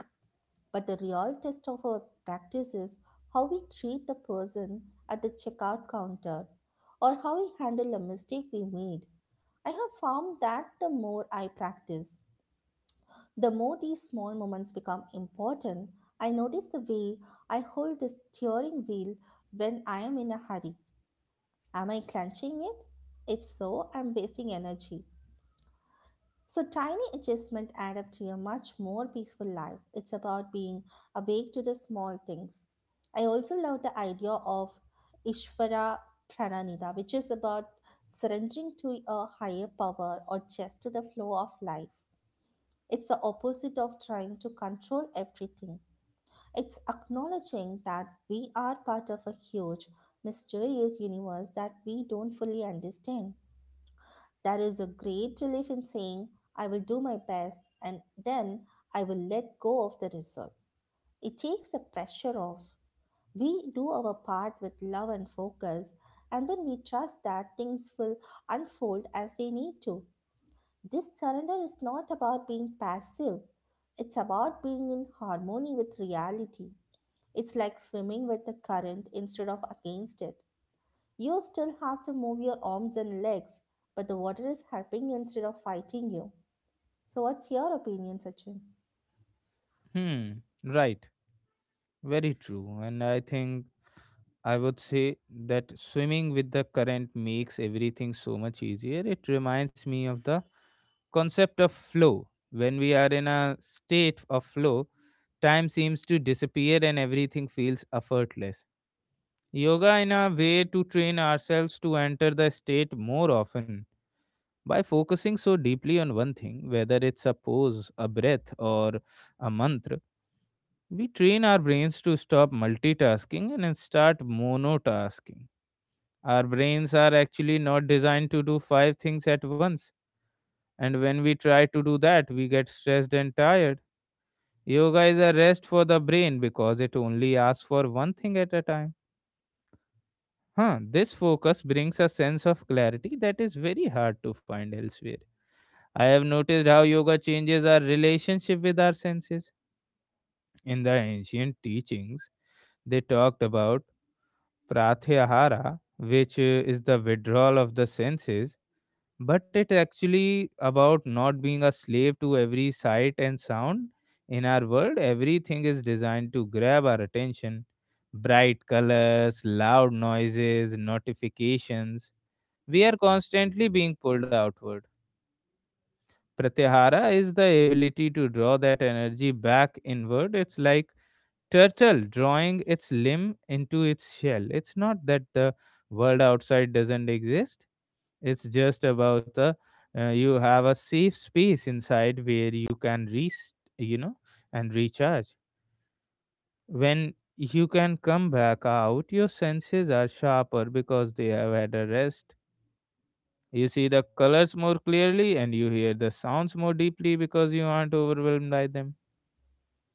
Speaker 2: But the real test of our practice is how we treat the person at the checkout counter, or how we handle a mistake we made. I have found that the more I practice, the more these small moments become important. I notice the way I hold the steering wheel when I am in a hurry. Am I clenching it? If so, I'm wasting energy. So tiny adjustments add up to a much more peaceful life. It's about being awake to the small things. I also love the idea of Ishvara Prananida, which is about surrendering to a higher power or just to the flow of life. It's the opposite of trying to control everything. It's acknowledging that we are part of a huge, mysterious universe that we don't fully understand. There is a great relief in saying, "I will do my best and then I will let go of the result." It takes the pressure off. We do our part with love and focus, and then we trust that things will unfold as they need to. This surrender is not about being passive, it's about being in harmony with reality. It's like swimming with the current instead of against it. You still have to move your arms and legs, but the water is helping you instead of fighting you. So, what's your opinion, Sachin?
Speaker 1: Hmm. Right. Very true. And I think I would say that swimming with the current makes everything so much easier. It reminds me of the concept of flow. When we are in a state of flow, time seems to disappear and everything feels effortless. Yoga in a way to train ourselves to enter the state more often by focusing so deeply on one thing, whether it's a pose, a breath, or a mantra. We train our brains to stop multitasking and then start monotasking. Our brains are actually not designed to do five things at once, and when we try to do that, we get stressed and tired. Yoga is a rest for the brain because it only asks for one thing at a time. This focus brings a sense of clarity that is very hard to find elsewhere. I have noticed how yoga changes our relationship with our senses. In the ancient teachings, they talked about pratyahara, which is the withdrawal of the senses, but it actually about not being a slave to every sight and sound. In our world everything is designed to grab our attention: bright colors, loud noises, notifications. We are constantly being pulled outward. Pratyahara is the ability to draw that energy back inward. It's like turtle drawing its limb into its shell. It's not that the world outside doesn't exist. It's just about the you have a safe space inside where you can rest, and recharge. When you can come back out, your senses are sharper because they have had a rest. You see the colors more clearly and you hear the sounds more deeply because you aren't overwhelmed by them.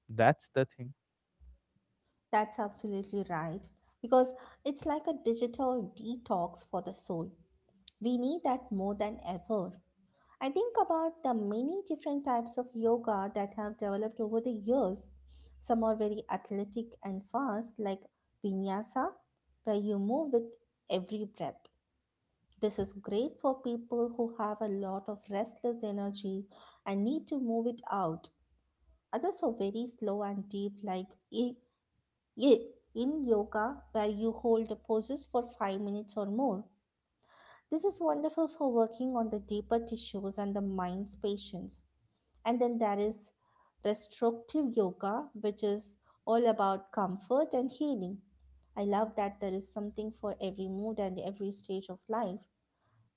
Speaker 1: That's the thing.
Speaker 2: That's absolutely right, because it's like a digital detox for the soul. We need that more than ever. I think about the many different types of yoga that have developed over the years. Some are very athletic and fast, like vinyasa, where you move with every breath. This is great for people who have a lot of restless energy and need to move it out. Others are very slow and deep, like i- in yoga, where you hold the poses for 5 minutes or more. This is wonderful for working on the deeper tissues and the mind's patience. And then there is restorative yoga, which is all about comfort and healing. I love that there is something for every mood and every stage of life.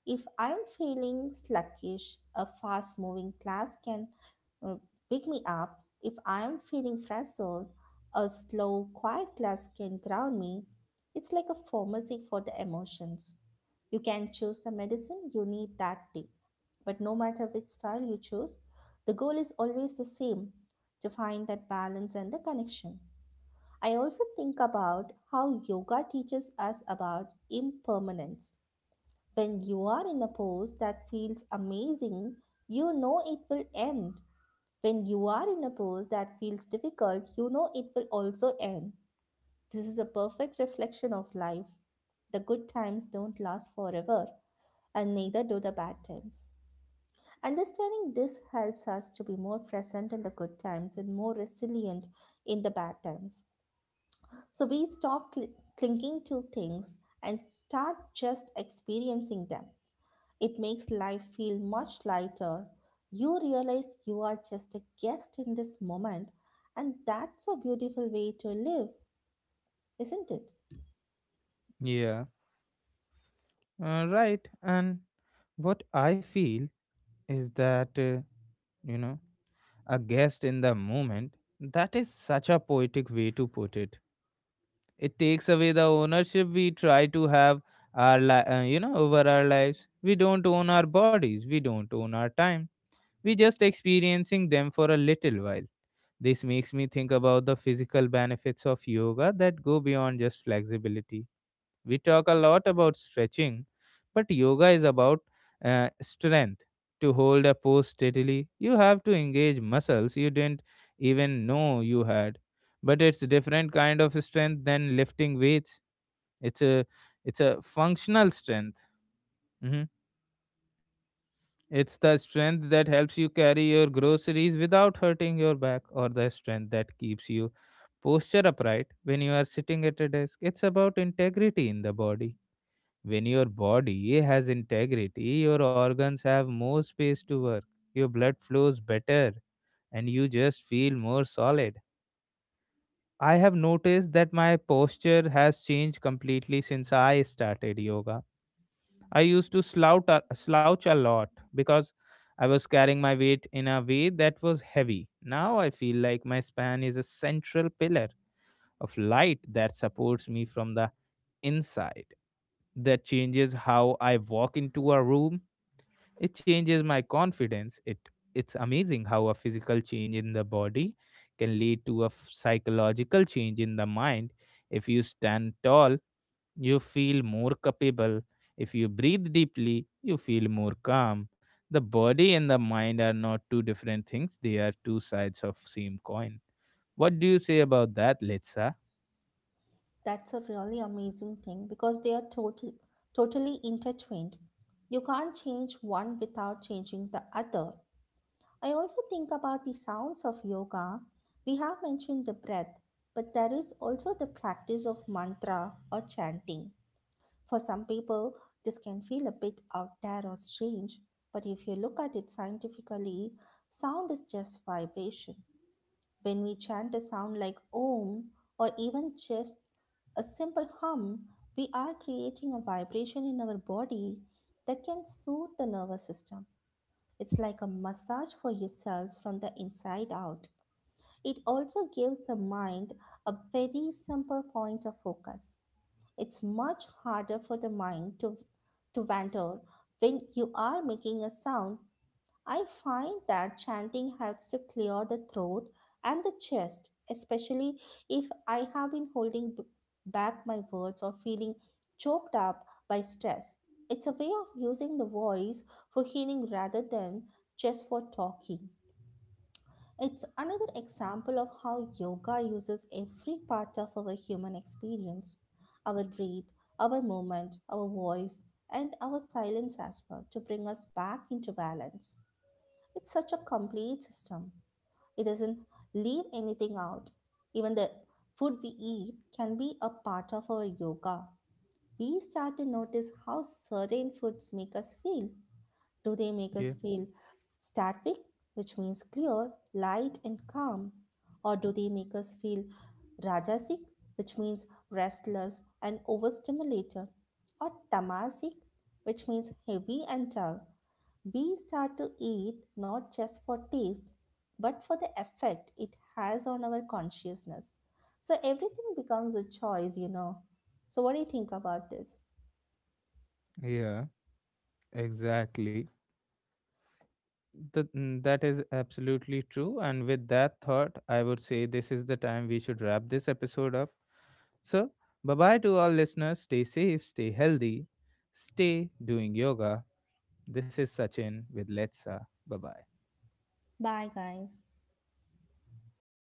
Speaker 2: If I'm feeling sluggish, a fast moving class can uh, pick me up. If I'm feeling frazzled, a slow, quiet class can ground me. It's like a pharmacy for the emotions. You can choose the medicine you need that day. But no matter which style you choose, the goal is always the same: to find that balance and the connection. I also think about how yoga teaches us about impermanence. When you are in a pose that feels amazing, you know it will end. When you are in a pose that feels difficult, you know it will also end. This is a perfect reflection of life. The good times don't last forever, and neither do the bad times. Understanding this helps us to be more present in the good times and more resilient in the bad times. So we stop clinging to things and start just experiencing them. It makes life feel much lighter. You realize you are just a guest in this moment, and that's a beautiful way to live, isn't it?
Speaker 1: Yeah. Right. And what I feel is that, you know, a guest in the moment. That is such a poetic way to put it. It takes away the ownership we try to have our li- you know over our lives. We don't own our bodies, we don't own our time. We just experiencing them for a little while. This makes me think about the physical benefits of yoga that go beyond just flexibility. We talk a lot about stretching, but yoga is about strength. To hold a pose steadily, you have to engage muscles you didn't even know you had. But it's different kind of strength than lifting weights. It's a it's a functional strength. Mhm. It's the strength that helps you carry your groceries without hurting your back, or the strength that keeps you posture upright when you are sitting at a desk. It's about integrity in the body. When your body has integrity, your organs have more space to work, your blood flows better, and you just feel more solid. I have noticed that my posture has changed completely since I started yoga. I used to slouch a lot because I was carrying my weight in a way that was heavy. Now I feel like my spine is a central pillar of light that supports me from the inside. That changes how I walk into a room. It changes my confidence. It's amazing how a physical change in the body can lead to a psychological change in the mind. If you stand tall, you feel more capable. If you breathe deeply, you feel more calm. The body and the mind are not two different things, they are two sides of same coin. What do you say about that, Litsa?
Speaker 2: That's a really amazing thing because they are totally intertwined. You can't change one without changing the other. I also think about the sounds of yoga. We have mentioned the breath, but there is also the practice of mantra or chanting. For some people, this can feel a bit out there or strange, but if you look at it scientifically, sound is just vibration. When we chant a sound like Om, or even just a simple hum, we are creating a vibration in our body that can soothe the nervous system. It's like a massage for yourselves from the inside out. It also gives the mind a very simple point of focus. It's much harder for the mind to wander when you are making a sound. I find that chanting helps to clear the throat and the chest, especially if I have been holding back my words or feeling choked up by stress. It's a way of using the voice for healing rather than just for talking. It's another example of how yoga uses every part of our human experience, our breath, our movement, our voice, and our silence as well, to bring us back into balance. It's such a complete system. It doesn't leave anything out. Even the food we eat can be a part of our yoga. We start to notice how certain foods make us feel. Do they make
Speaker 1: Yeah.
Speaker 2: us feel static, which means clear, light, and calm? Or do they make us feel rajasic, which means restless and overstimulated? Or tamasic, which means heavy and dull? We start to eat not just for taste, but for the effect it has on our consciousness. So everything becomes a choice, you know. So, what do you think about this?
Speaker 1: Yeah, exactly. That is absolutely true. And with that thought, I would say this is the time we should wrap this episode up. So, bye bye to all listeners. Stay safe, stay healthy, stay doing yoga. This is Sachin with Let's Sa. Bye bye.
Speaker 2: Bye, guys.